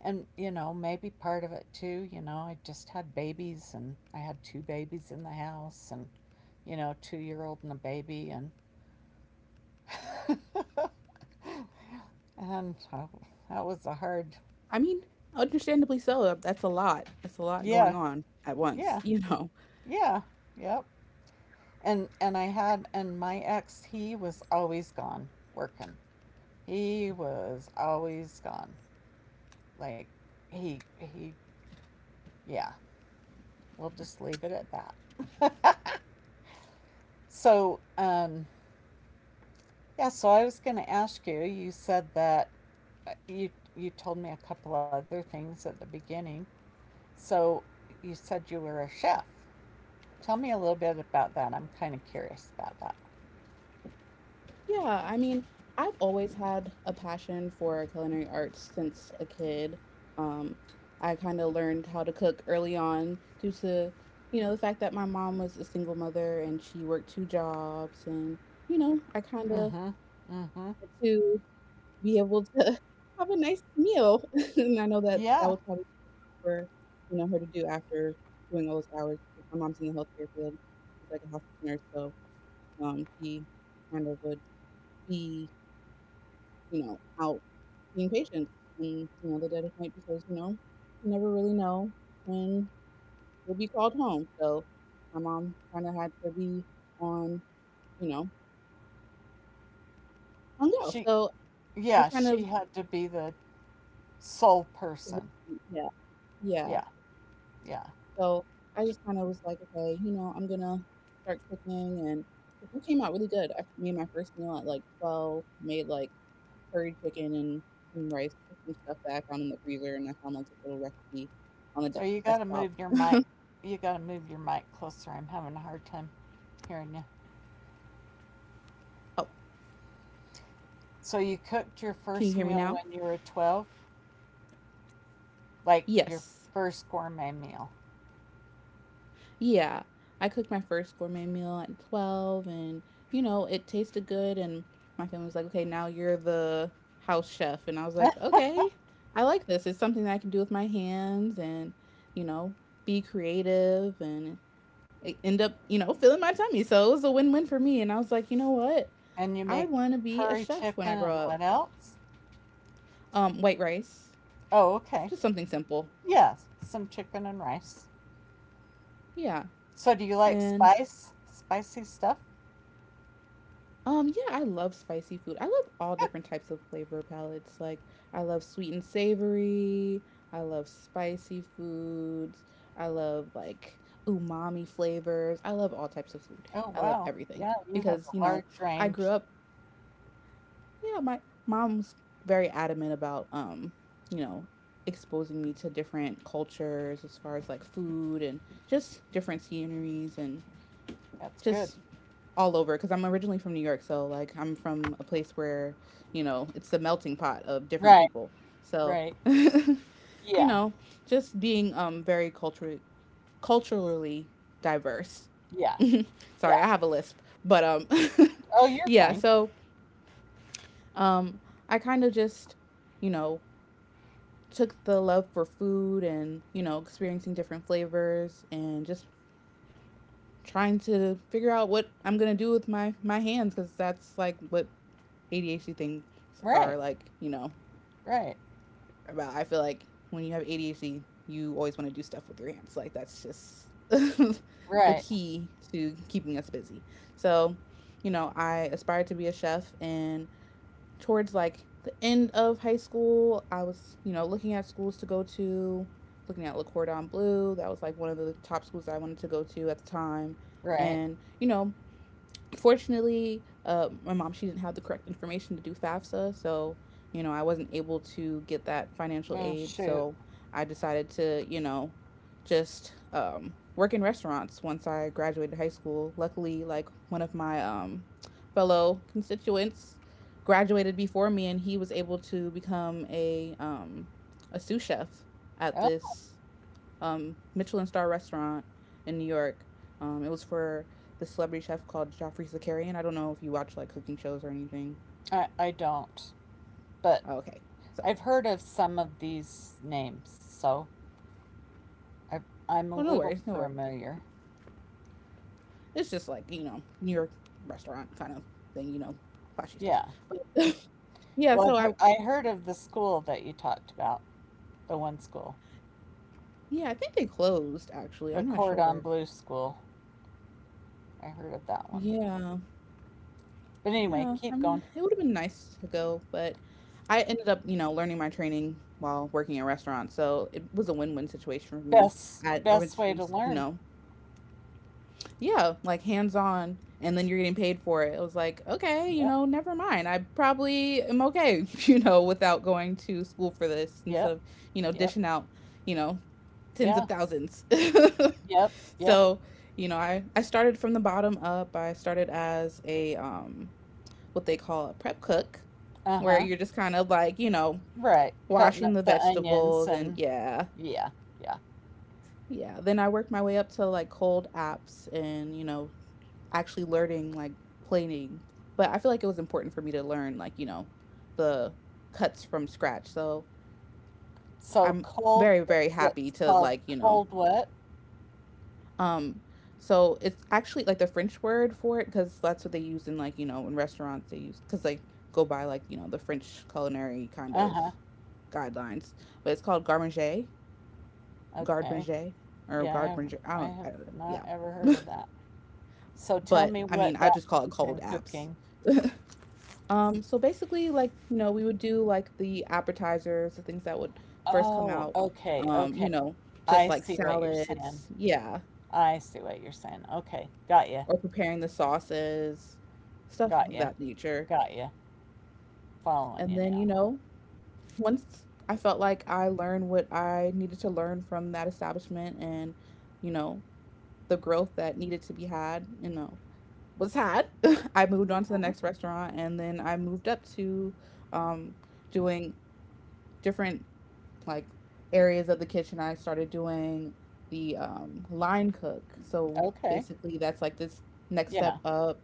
[SPEAKER 2] And, you know, maybe part of it too, you know, I just had babies, and I had two babies in the house, and you know, two year old and a baby, and and uh, that was a hard,
[SPEAKER 1] I mean, understandably so. That's a lot. That's a lot going
[SPEAKER 2] yeah,
[SPEAKER 1] on at once,
[SPEAKER 2] yeah,
[SPEAKER 1] you know.
[SPEAKER 2] yeah, yep. And and I had, and my ex, he was always gone working. He was always gone. Like he he yeah. We'll just leave it at that. so um yeah. So I was going to ask you. You said that uh, you you told me a couple other things at the beginning. So you said you were a chef. Tell me a little bit about that. I'm kind of curious about that.
[SPEAKER 1] Yeah, I mean, I've always had a passion for culinary arts since a kid. Um, I kind of learned how to cook early on due to, you know, the fact that my mom was a single mother and she worked two jobs. And, you know, I kind of
[SPEAKER 2] Mm-hmm. Mm-hmm.
[SPEAKER 1] had to be able to have a nice meal. And I know that
[SPEAKER 2] Yeah.
[SPEAKER 1] that was probably for, you know, her to do after doing all those hours. 'Cause my mom's in the healthcare field. She's like a hospice nurse. So um, she kind of would be you know, out seeing patients. And, you know, the dead of night because, you know, you never really know when you'll be called home. So my mom kind of had to be on, you know, on go.
[SPEAKER 2] She,
[SPEAKER 1] So I
[SPEAKER 2] yeah,
[SPEAKER 1] kind of,
[SPEAKER 2] she had to be the sole person.
[SPEAKER 1] yeah, yeah.
[SPEAKER 2] Yeah. Yeah.
[SPEAKER 1] So I just kind of was like, okay, you know, I'm going to start cooking. And the food came out really good. I made my first meal at like twelve, made like curry chicken and some rice, put some stuff that I found in the freezer. And I found like this little recipe
[SPEAKER 2] Oh,
[SPEAKER 1] on the
[SPEAKER 2] you got to
[SPEAKER 1] desktop.
[SPEAKER 2] move your mic. You got to move your mic closer. I'm having a hard time hearing you.
[SPEAKER 1] Oh,
[SPEAKER 2] So you cooked your
[SPEAKER 1] can you
[SPEAKER 2] first
[SPEAKER 1] hear me
[SPEAKER 2] meal
[SPEAKER 1] now?
[SPEAKER 2] when you were twelve, like your
[SPEAKER 1] Yes.
[SPEAKER 2] first gourmet meal.
[SPEAKER 1] Yeah. I cooked my first gourmet meal at twelve, and you know, it tasted good and my family was like, "Okay, now you're the house chef." And I was like, "Okay. I like this. It's something that I can do with my hands and, you know, be creative and e- end up, you know, filling my tummy." So it was a win-win for me and I was like, "You know what?
[SPEAKER 2] And you
[SPEAKER 1] I
[SPEAKER 2] make
[SPEAKER 1] want to be a
[SPEAKER 2] curry
[SPEAKER 1] chef when
[SPEAKER 2] chicken
[SPEAKER 1] I grow
[SPEAKER 2] and
[SPEAKER 1] up."
[SPEAKER 2] what else?
[SPEAKER 1] Um, white rice.
[SPEAKER 2] Oh, okay.
[SPEAKER 1] Just something simple.
[SPEAKER 2] Yeah, some chicken and rice.
[SPEAKER 1] Yeah.
[SPEAKER 2] So do you like
[SPEAKER 1] And
[SPEAKER 2] spice? Spicy stuff?
[SPEAKER 1] Um, yeah, I love spicy food. I love all different types of flavor palettes. Like, I love sweet and savory. I love spicy foods. I love like umami flavors. I love all types of food.
[SPEAKER 2] Oh,
[SPEAKER 1] I love
[SPEAKER 2] wow.
[SPEAKER 1] everything
[SPEAKER 2] Yeah, you have
[SPEAKER 1] because, you
[SPEAKER 2] a
[SPEAKER 1] know,
[SPEAKER 2] large
[SPEAKER 1] I grew
[SPEAKER 2] range.
[SPEAKER 1] up, yeah, my mom's very adamant about um, you know, exposing me to different cultures as far as like food and just different sceneries and
[SPEAKER 2] That's good.
[SPEAKER 1] just all over because I'm originally from New York. So like I'm from a place where, you know, it's a melting pot of different
[SPEAKER 2] Right,
[SPEAKER 1] people. So,
[SPEAKER 2] right.
[SPEAKER 1] you
[SPEAKER 2] Yeah,
[SPEAKER 1] know, just being um very culturally culturally diverse.
[SPEAKER 2] yeah,
[SPEAKER 1] Sorry,
[SPEAKER 2] yeah.
[SPEAKER 1] I have a lisp. But um
[SPEAKER 2] Oh, you're
[SPEAKER 1] yeah,
[SPEAKER 2] fine.
[SPEAKER 1] so um I kind of just, you know, took the love for food and, you know, experiencing different flavors and just trying to figure out what I'm going to do with my my hands cuz that's like what A D H D things
[SPEAKER 2] Right,
[SPEAKER 1] are like, you know,
[SPEAKER 2] right,
[SPEAKER 1] about. I feel like when you have A D H D, you always want to do stuff with your hands. Like that's just the
[SPEAKER 2] right,
[SPEAKER 1] key to keeping us busy. So, you know, I aspired to be a chef and towards like the end of high school, I was, you know, looking at schools to go to, looking at Le Cordon Bleu. That was like one of the top schools I wanted to go to at the time.
[SPEAKER 2] right.
[SPEAKER 1] And, you know, fortunately, uh, my mom she didn't have the correct information to do FAFSA, so you know I wasn't able to get that financial
[SPEAKER 2] Oh,
[SPEAKER 1] aid.
[SPEAKER 2] shoot.
[SPEAKER 1] So I decided to you know just um, work in restaurants once I graduated high school. Luckily, like one of my um, fellow constituents graduated before me, and he was able to become a um, a sous chef at
[SPEAKER 2] Oh,
[SPEAKER 1] this um, Michelin star restaurant in New York. Um, it was for the celebrity chef called Joffrey Zakarian. I don't know if you watch like cooking shows or anything.
[SPEAKER 2] I, I don't. But
[SPEAKER 1] Oh, okay, so
[SPEAKER 2] I've heard of some of these names, so I, I'm a
[SPEAKER 1] oh no
[SPEAKER 2] little
[SPEAKER 1] worries, no worries.
[SPEAKER 2] familiar.
[SPEAKER 1] It's just like you know New York restaurant kind of thing, you know, flashy stuff.
[SPEAKER 2] Yeah.
[SPEAKER 1] But yeah,
[SPEAKER 2] Well,
[SPEAKER 1] so
[SPEAKER 2] I've
[SPEAKER 1] I
[SPEAKER 2] heard, I heard of the school that you talked about, the one school.
[SPEAKER 1] yeah I think they closed actually.
[SPEAKER 2] The
[SPEAKER 1] I'm not
[SPEAKER 2] Cordon
[SPEAKER 1] sure.
[SPEAKER 2] Bleu School. I heard of that one.
[SPEAKER 1] Yeah,
[SPEAKER 2] But anyway,
[SPEAKER 1] yeah. I
[SPEAKER 2] keep going.
[SPEAKER 1] mean, it would have been nice to go, but I ended up, you know, learning my training while working in restaurants. So it was a win-win situation for me.
[SPEAKER 2] Best
[SPEAKER 1] I
[SPEAKER 2] best way
[SPEAKER 1] originally,
[SPEAKER 2] to
[SPEAKER 1] you
[SPEAKER 2] learn.
[SPEAKER 1] know, yeah, like hands on, and then you're getting paid for it. It was like, okay, you
[SPEAKER 2] Yep.
[SPEAKER 1] know, never mind. I probably am okay, you know, without going to school for this instead
[SPEAKER 2] Yep.
[SPEAKER 1] of, you know,
[SPEAKER 2] Yep.
[SPEAKER 1] dishing out, you know, tens
[SPEAKER 2] Yeah.
[SPEAKER 1] of thousands.
[SPEAKER 2] Yep. Yep.
[SPEAKER 1] So, you know, I, I started from the bottom up. I started as a, um, what they call a prep cook, where
[SPEAKER 2] Uh-huh.
[SPEAKER 1] you're just kind of like, you know,
[SPEAKER 2] Right. Cutting
[SPEAKER 1] washing
[SPEAKER 2] up
[SPEAKER 1] the
[SPEAKER 2] the onions
[SPEAKER 1] vegetables and
[SPEAKER 2] and
[SPEAKER 1] yeah.
[SPEAKER 2] yeah. Yeah.
[SPEAKER 1] Yeah, then I worked my way up to like cold apps and, you know, actually learning like planing. But I feel like it was important for me to learn like, you know, the cuts from scratch. So
[SPEAKER 2] So
[SPEAKER 1] I'm
[SPEAKER 2] cold
[SPEAKER 1] very, very happy
[SPEAKER 2] It's
[SPEAKER 1] to
[SPEAKER 2] called
[SPEAKER 1] like, you know,
[SPEAKER 2] cold what?
[SPEAKER 1] um so it's actually like the French word for it because that's what they use in like, you know, in restaurants they use because they go by like, you know, the French culinary kind of
[SPEAKER 2] Uh-huh.
[SPEAKER 1] guidelines. But it's called garmanger, garde
[SPEAKER 2] Okay.
[SPEAKER 1] manger, or
[SPEAKER 2] Yeah, I
[SPEAKER 1] garde
[SPEAKER 2] haven't
[SPEAKER 1] manger. I
[SPEAKER 2] I
[SPEAKER 1] don't,
[SPEAKER 2] have
[SPEAKER 1] I don't know.
[SPEAKER 2] not
[SPEAKER 1] Yeah.
[SPEAKER 2] ever heard of that. So tell
[SPEAKER 1] But
[SPEAKER 2] me
[SPEAKER 1] I mean,
[SPEAKER 2] what
[SPEAKER 1] I
[SPEAKER 2] that
[SPEAKER 1] just call it
[SPEAKER 2] means
[SPEAKER 1] cold
[SPEAKER 2] in
[SPEAKER 1] apps.
[SPEAKER 2] cooking.
[SPEAKER 1] Um, so basically, like, you know, we would do like the appetizers, the things that would first come
[SPEAKER 2] Oh,
[SPEAKER 1] out,
[SPEAKER 2] okay.
[SPEAKER 1] um,
[SPEAKER 2] Okay.
[SPEAKER 1] you know, just
[SPEAKER 2] I
[SPEAKER 1] like
[SPEAKER 2] see what you're saying.
[SPEAKER 1] salads, yeah,
[SPEAKER 2] I see what you're saying. Okay, got you,
[SPEAKER 1] or preparing the sauces, stuff
[SPEAKER 2] got
[SPEAKER 1] of
[SPEAKER 2] you,
[SPEAKER 1] that nature.
[SPEAKER 2] got you. Following
[SPEAKER 1] And
[SPEAKER 2] you
[SPEAKER 1] then, you
[SPEAKER 2] now.
[SPEAKER 1] know, once I felt like I learned what I needed to learn from that establishment and, you know, the growth that needed to be had, you know, was had, I moved on to the
[SPEAKER 2] Hmm.
[SPEAKER 1] next restaurant and then I moved up to um, doing different like areas of the kitchen. I started doing the um, line cook. So
[SPEAKER 2] Okay,
[SPEAKER 1] basically that's like this next
[SPEAKER 2] yeah,
[SPEAKER 1] step up,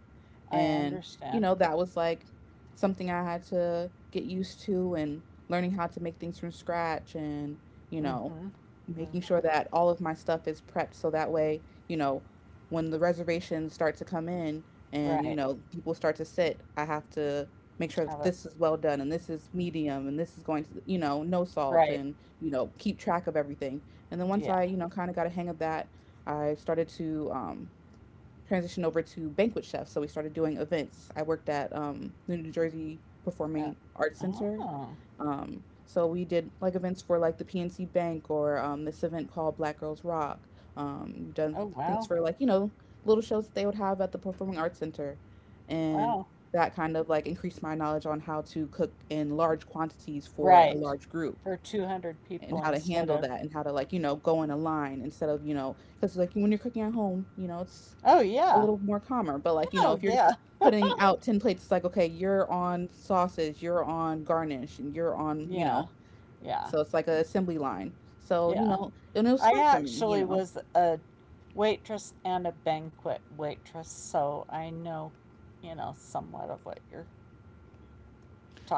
[SPEAKER 2] I
[SPEAKER 1] and you
[SPEAKER 2] understand.
[SPEAKER 1] know that was like something I had to get used to, and learning how to make things from scratch, and you know
[SPEAKER 2] Mm-hmm.
[SPEAKER 1] making sure
[SPEAKER 2] Mm-hmm.
[SPEAKER 1] that all of my stuff is prepped so that way, you know, when the reservations start to come in and you
[SPEAKER 2] Right.
[SPEAKER 1] know people start to sit, I have to make sure
[SPEAKER 2] Have
[SPEAKER 1] that
[SPEAKER 2] it.
[SPEAKER 1] this is well done and this is medium and this is going to you know no salt
[SPEAKER 2] Right.
[SPEAKER 1] and you know keep track of everything. And then once
[SPEAKER 2] Yeah.
[SPEAKER 1] I you know kind of got a hang of that, I started to um, transitioned over to banquet chef. So we started doing events. I worked at um, the New Jersey
[SPEAKER 2] Uh,
[SPEAKER 1] Performing Arts Center.
[SPEAKER 2] oh.
[SPEAKER 1] Um, so we did like events for like the P N C Bank or um, this event called Black Girls Rock. Um, we've done
[SPEAKER 2] Oh
[SPEAKER 1] things
[SPEAKER 2] wow.
[SPEAKER 1] for like, you know, little shows that they would have at the Performing Arts Center. And
[SPEAKER 2] Wow.
[SPEAKER 1] that kind of like increased my knowledge on how to cook in large quantities for a
[SPEAKER 2] Right.
[SPEAKER 1] large group
[SPEAKER 2] For two hundred
[SPEAKER 1] and
[SPEAKER 2] people
[SPEAKER 1] how to
[SPEAKER 2] instead
[SPEAKER 1] handle
[SPEAKER 2] of.
[SPEAKER 1] that and how to like, you know, go in a line instead of, you know, because like when you're cooking at home, you know, it's
[SPEAKER 2] Oh
[SPEAKER 1] a
[SPEAKER 2] yeah.
[SPEAKER 1] little more calmer. But like, you know,
[SPEAKER 2] Oh
[SPEAKER 1] if you're
[SPEAKER 2] yeah.
[SPEAKER 1] putting out ten plates, it's like, okay, you're on sausage, you're on garnish, and you're on, you
[SPEAKER 2] Yeah.
[SPEAKER 1] know,
[SPEAKER 2] Yeah.
[SPEAKER 1] so it's like a assembly line. So, you
[SPEAKER 2] Yeah.
[SPEAKER 1] know, and it was
[SPEAKER 2] I
[SPEAKER 1] fun for me, you
[SPEAKER 2] actually
[SPEAKER 1] know.
[SPEAKER 2] was a waitress and a banquet waitress, so I know, you know, somewhat of what you're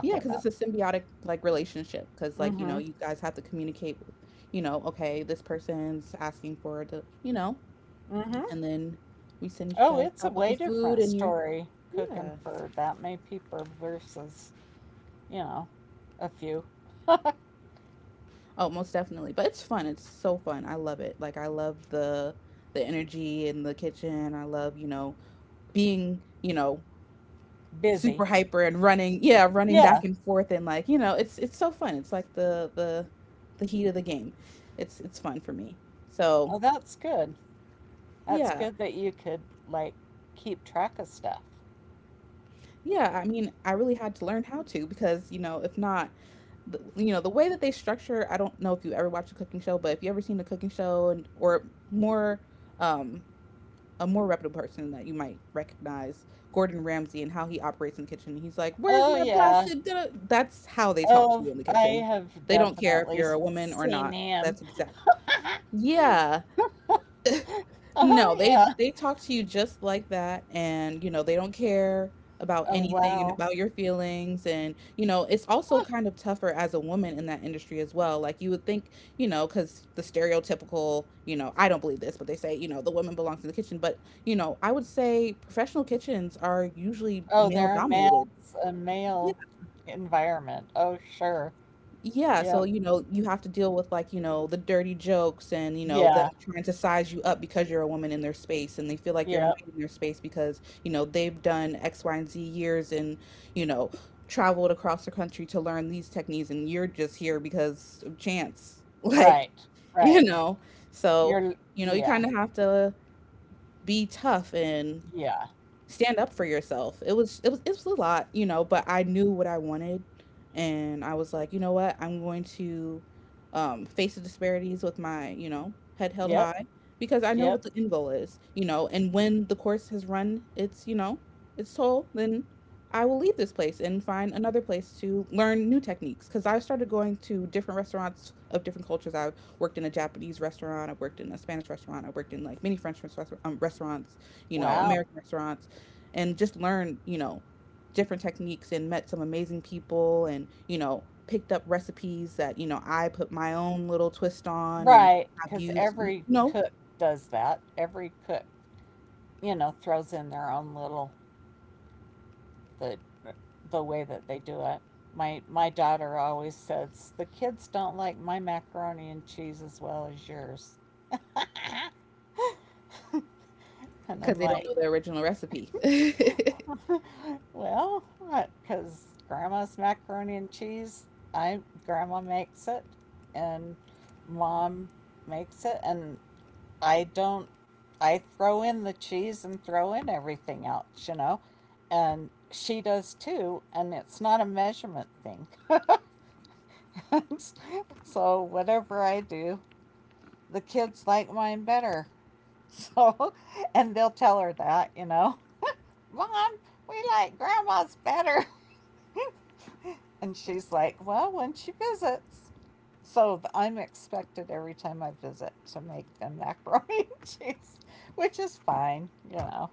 [SPEAKER 1] Yeah, because
[SPEAKER 2] about.
[SPEAKER 1] it's a symbiotic like relationship. Because like, you
[SPEAKER 2] Mm-hmm.
[SPEAKER 1] know, you guys have to communicate, you know, okay, this person's asking for the, you know,
[SPEAKER 2] Mm-hmm.
[SPEAKER 1] and then we send you
[SPEAKER 2] Oh,
[SPEAKER 1] guys
[SPEAKER 2] it's a
[SPEAKER 1] out with the
[SPEAKER 2] way
[SPEAKER 1] food
[SPEAKER 2] different
[SPEAKER 1] and you're,
[SPEAKER 2] story cooking
[SPEAKER 1] yeah.
[SPEAKER 2] for that many people versus, you know, a few.
[SPEAKER 1] Oh, most definitely. But it's fun. It's so fun. I love it. Like I love the the energy in the kitchen. I love, you know, being, you know,
[SPEAKER 2] Busy.
[SPEAKER 1] super hyper and running, yeah, running
[SPEAKER 2] Yeah.
[SPEAKER 1] back and forth and like, you know, it's it's so fun. It's like the the the heat of the game. It's it's fun for me. So,
[SPEAKER 2] Oh, that's good. That's
[SPEAKER 1] yeah.
[SPEAKER 2] good that you could like keep track of stuff.
[SPEAKER 1] Yeah, I mean, I really had to learn how to because, you know, if not, th- you know, the way that they structure, I don't know if you ever watched a cooking show, but if you ever seen a cooking show and or more um a more reputable person that you might recognize, Gordon Ramsay, and how he operates in the kitchen. He's like, "Where's
[SPEAKER 2] Oh
[SPEAKER 1] my
[SPEAKER 2] yeah.
[SPEAKER 1] blasted?" da-" That's how they talk to
[SPEAKER 2] Oh,
[SPEAKER 1] you in the
[SPEAKER 2] I
[SPEAKER 1] kitchen.
[SPEAKER 2] have
[SPEAKER 1] They don't care if
[SPEAKER 2] definitely
[SPEAKER 1] you're a woman or
[SPEAKER 2] seen
[SPEAKER 1] not.
[SPEAKER 2] him.
[SPEAKER 1] That's exact. Yeah, no,
[SPEAKER 2] Oh
[SPEAKER 1] they
[SPEAKER 2] yeah.
[SPEAKER 1] they talk to you just like that and, you know, they don't care about
[SPEAKER 2] Oh
[SPEAKER 1] anything and
[SPEAKER 2] wow.
[SPEAKER 1] about your feelings and, you know, it's also kind of tougher as a woman in that industry as well. Like you would think, you know, cuz the stereotypical, you know, I don't believe this, but they say, you know, the woman belongs in the kitchen, but, you know, I would say professional kitchens are usually
[SPEAKER 2] Oh,
[SPEAKER 1] male
[SPEAKER 2] they're a
[SPEAKER 1] dominated.
[SPEAKER 2] man's a male environment. Oh, sure.
[SPEAKER 1] Yeah, so,
[SPEAKER 2] Yep.
[SPEAKER 1] you know, you have to deal with, like, you know, the dirty jokes and, you know, them
[SPEAKER 2] Yeah.
[SPEAKER 1] trying to size you up because you're a woman in their space and they feel like you're
[SPEAKER 2] Yep.
[SPEAKER 1] invading their space because, you know, they've done X, Y, and Z years and, you know, traveled across the country to learn these techniques and you're just here because of chance. Like,
[SPEAKER 2] Right.
[SPEAKER 1] you
[SPEAKER 2] Right.
[SPEAKER 1] know, so,
[SPEAKER 2] You're,
[SPEAKER 1] you know, you
[SPEAKER 2] yeah.
[SPEAKER 1] kind of have to be tough and
[SPEAKER 2] Yeah.
[SPEAKER 1] stand up for yourself. It was it was it was a lot, you know, but I knew what I wanted and I was like, you know what? I'm going to um face the disparities with my, you know, head held
[SPEAKER 2] Yep.
[SPEAKER 1] high because I know
[SPEAKER 2] Yep.
[SPEAKER 1] what the end goal is, you know, and when the course has run its, you know, its toll, then I will leave this place and find another place to learn new techniques cuz I started going to different restaurants of different cultures. I worked in a Japanese restaurant, I worked in a Spanish restaurant, I worked in like many French restaurant- um, restaurants, you know,
[SPEAKER 2] Wow.
[SPEAKER 1] American restaurants and just learned, you know, different techniques and met some amazing people and, you know, picked up recipes that, you know, I put my own little twist on and
[SPEAKER 2] Right.
[SPEAKER 1] I have
[SPEAKER 2] Because
[SPEAKER 1] used, you
[SPEAKER 2] every
[SPEAKER 1] know,
[SPEAKER 2] cook does that. Every cook, you know, throws in their own little, the, the way that they do it. My, my daughter always says, the kids don't like my macaroni and cheese as well as yours. And I'm
[SPEAKER 1] because they don't
[SPEAKER 2] like,
[SPEAKER 1] know the original recipe.
[SPEAKER 2] well, because grandma's macaroni and cheese, I grandma makes it, and mom makes it, and I don't. I throw in the cheese and throw in everything else, you know, and she does too, and it's not a measurement thing. So whatever I do, the kids like mine better. So, and they'll tell her that, you know, mom, we like grandma's better. And she's like, well, when she visits. So I'm expected every time I visit to make them macaroni and cheese, which is fine. You know,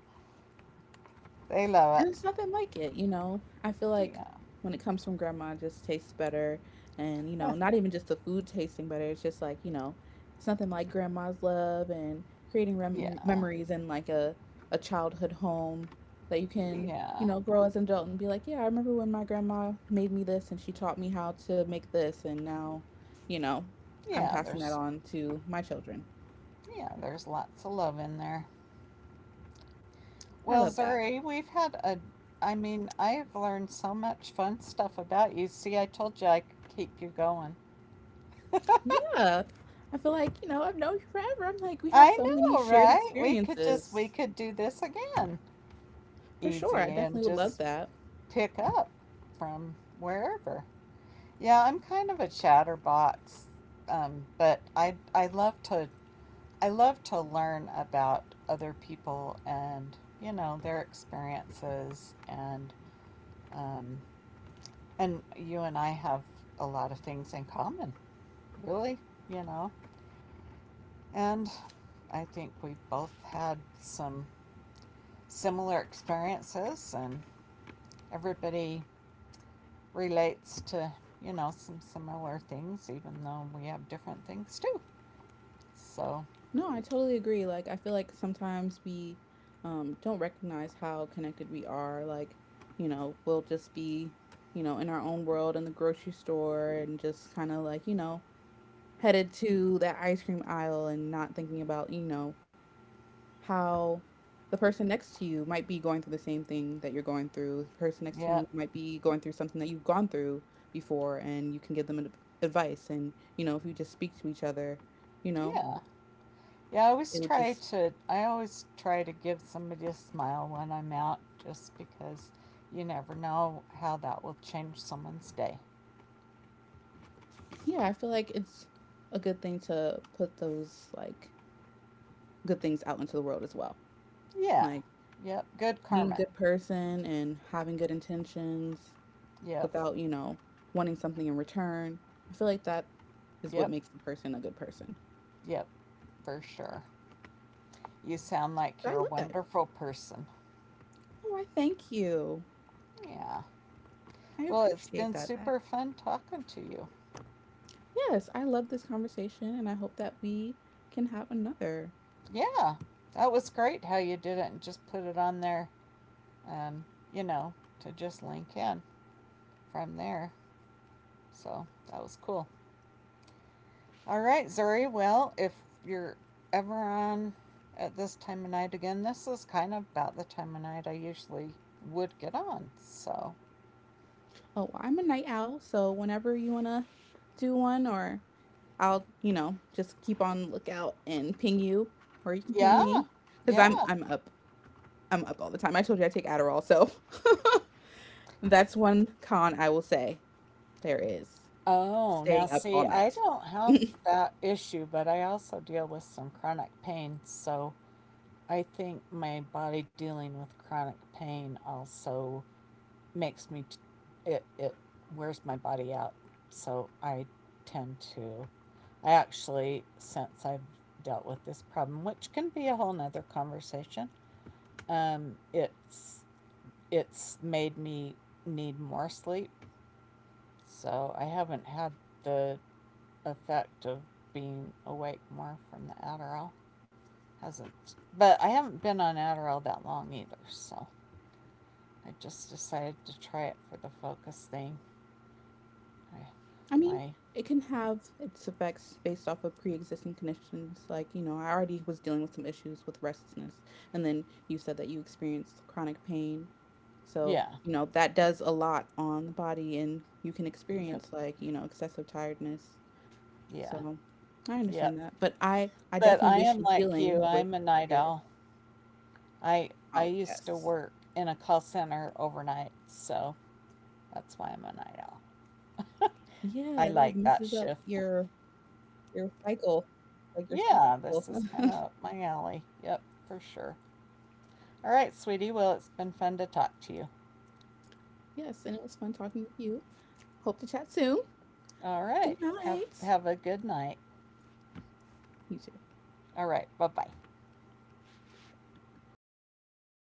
[SPEAKER 2] they love it.
[SPEAKER 1] There's nothing like it, you know? I feel like
[SPEAKER 2] Yeah,
[SPEAKER 1] when it comes from grandma, it just tastes better. And, you know, not even just the food tasting better. It's just like, you know, it's nothing like grandma's love and creating rem-
[SPEAKER 2] yeah,
[SPEAKER 1] memories in like a, a childhood home that you can, you
[SPEAKER 2] yeah,
[SPEAKER 1] know, grow as an adult and be like, yeah, I remember when my grandma made me this and she taught me how to make this. And now, you know, I'm
[SPEAKER 2] yeah.
[SPEAKER 1] passing that
[SPEAKER 2] There's
[SPEAKER 1] on to my children.
[SPEAKER 2] yeah, there's lots of love in there.
[SPEAKER 1] I
[SPEAKER 2] Well,
[SPEAKER 1] love that.
[SPEAKER 2] Zuri, we've had a. I mean, I've learned so much fun stuff about you. See, I told you I could keep you going.
[SPEAKER 1] Yeah. I feel like, you know, I've known you forever. I'm like, we have
[SPEAKER 2] I
[SPEAKER 1] so many
[SPEAKER 2] know,
[SPEAKER 1] shared
[SPEAKER 2] right? We could just we
[SPEAKER 1] experiences.
[SPEAKER 2] could do this again,
[SPEAKER 1] For sure. I
[SPEAKER 2] easy, and
[SPEAKER 1] definitely would love
[SPEAKER 2] just
[SPEAKER 1] that.
[SPEAKER 2] pick up from wherever. Yeah, I'm kind of a chatterbox, um, but I I love to I love to learn about other people and you know their experiences and um, and you and I have a lot of things in common, really, you know, and I think we both had some similar experiences, and everybody relates to, you know, some similar things, even though we have different things too. So,
[SPEAKER 1] No, I totally agree. Like, I feel like sometimes we um, don't recognize how connected we are. Like, you know, we'll just be, you know, in our own world in the grocery store and just kind of like, you know, headed to that ice cream aisle and not thinking about, you know, how the person next to you might be going through the same thing that you're going through. The person next to
[SPEAKER 2] yeah,
[SPEAKER 1] you might be going through something that you've gone through before, and you can give them ad- advice. And, you know, if you just speak to each other, you know,
[SPEAKER 2] yeah. Yeah, I always
[SPEAKER 1] it would
[SPEAKER 2] try
[SPEAKER 1] just,
[SPEAKER 2] to, I always try to give somebody a smile when I'm out, just because you never know how that will change someone's day.
[SPEAKER 1] yeah, I feel like it's a good thing to put those, like, good things out into the world as well.
[SPEAKER 2] Yeah.
[SPEAKER 1] Like,
[SPEAKER 2] Yep. Good
[SPEAKER 1] being a
[SPEAKER 2] karma.
[SPEAKER 1] good person and having good intentions
[SPEAKER 2] Yep.
[SPEAKER 1] without, you know, wanting something in return. I feel like that is what
[SPEAKER 2] Yep.
[SPEAKER 1] makes the person a good person.
[SPEAKER 2] Yep. For sure. You sound like
[SPEAKER 1] So I
[SPEAKER 2] you're a
[SPEAKER 1] love that.
[SPEAKER 2] wonderful person.
[SPEAKER 1] Oh, I thank you.
[SPEAKER 2] Yeah.
[SPEAKER 1] I
[SPEAKER 2] Well, it's
[SPEAKER 1] appreciate
[SPEAKER 2] been
[SPEAKER 1] that. That
[SPEAKER 2] super fun talking to you.
[SPEAKER 1] yes, I love this conversation and I hope that we can have another.
[SPEAKER 2] Yeah, that was great how you did it and just put it on there, um, you know, to just link in from there. So that was cool. All right, Zuri. Well, if you're ever on at this time of night again, this is kind of about the time of night I usually would get on. So,
[SPEAKER 1] Oh, well, I'm a night owl, so whenever you want to do one, or I'll, you know, just keep on the lookout and ping you, or you can ping
[SPEAKER 2] yeah,
[SPEAKER 1] me because
[SPEAKER 2] yeah.
[SPEAKER 1] I'm, I'm up. I'm up all the time. I told you I take Adderall, so that's one con I will say there is
[SPEAKER 2] Oh, now
[SPEAKER 1] staying up
[SPEAKER 2] see,
[SPEAKER 1] all
[SPEAKER 2] I
[SPEAKER 1] night.
[SPEAKER 2] don't have that issue, but I also deal with some chronic pain. So I think my body dealing with chronic pain also makes me t- it it wears my body out. So I tend to I actually since I've dealt with this problem, which can be a whole nother conversation, um, it's it's made me need more sleep. So I haven't had the effect of being awake more from the Adderall. Hasn't, but I haven't been on Adderall that long either, so I just decided to try it for the focus thing. I,
[SPEAKER 1] I mean,
[SPEAKER 2] my,
[SPEAKER 1] it can have its effects based off of pre-existing conditions. Like, you know, I already was dealing with some issues with restlessness, and then you said that you experienced chronic pain. So,
[SPEAKER 2] yeah,
[SPEAKER 1] you know, that does a lot on the body, and you can
[SPEAKER 2] yep,
[SPEAKER 1] experience like, you know, excessive tiredness.
[SPEAKER 2] yeah,
[SPEAKER 1] So, I
[SPEAKER 2] yep.
[SPEAKER 1] understand that, but I I
[SPEAKER 2] But
[SPEAKER 1] definitely
[SPEAKER 2] I
[SPEAKER 1] wish
[SPEAKER 2] am
[SPEAKER 1] you
[SPEAKER 2] like you.
[SPEAKER 1] healing with
[SPEAKER 2] I'm a night
[SPEAKER 1] your
[SPEAKER 2] owl. I I
[SPEAKER 1] oh
[SPEAKER 2] used to
[SPEAKER 1] yes.
[SPEAKER 2] work in a call center overnight, so that's why I'm a night owl. I
[SPEAKER 1] Yeah, it like
[SPEAKER 2] like that
[SPEAKER 1] messes up
[SPEAKER 2] shift.
[SPEAKER 1] your your cycle, like your sleep
[SPEAKER 2] Yeah,
[SPEAKER 1] cycle.
[SPEAKER 2] this is kind of up my alley. Yep, for sure. All right, sweetie. Well, it's been fun to talk to you.
[SPEAKER 1] Yes, and it was fun talking with you. Hope to chat soon.
[SPEAKER 2] All right.
[SPEAKER 1] Good
[SPEAKER 2] Have
[SPEAKER 1] night.
[SPEAKER 2] have a good night.
[SPEAKER 1] You too.
[SPEAKER 2] All right. Bye-bye.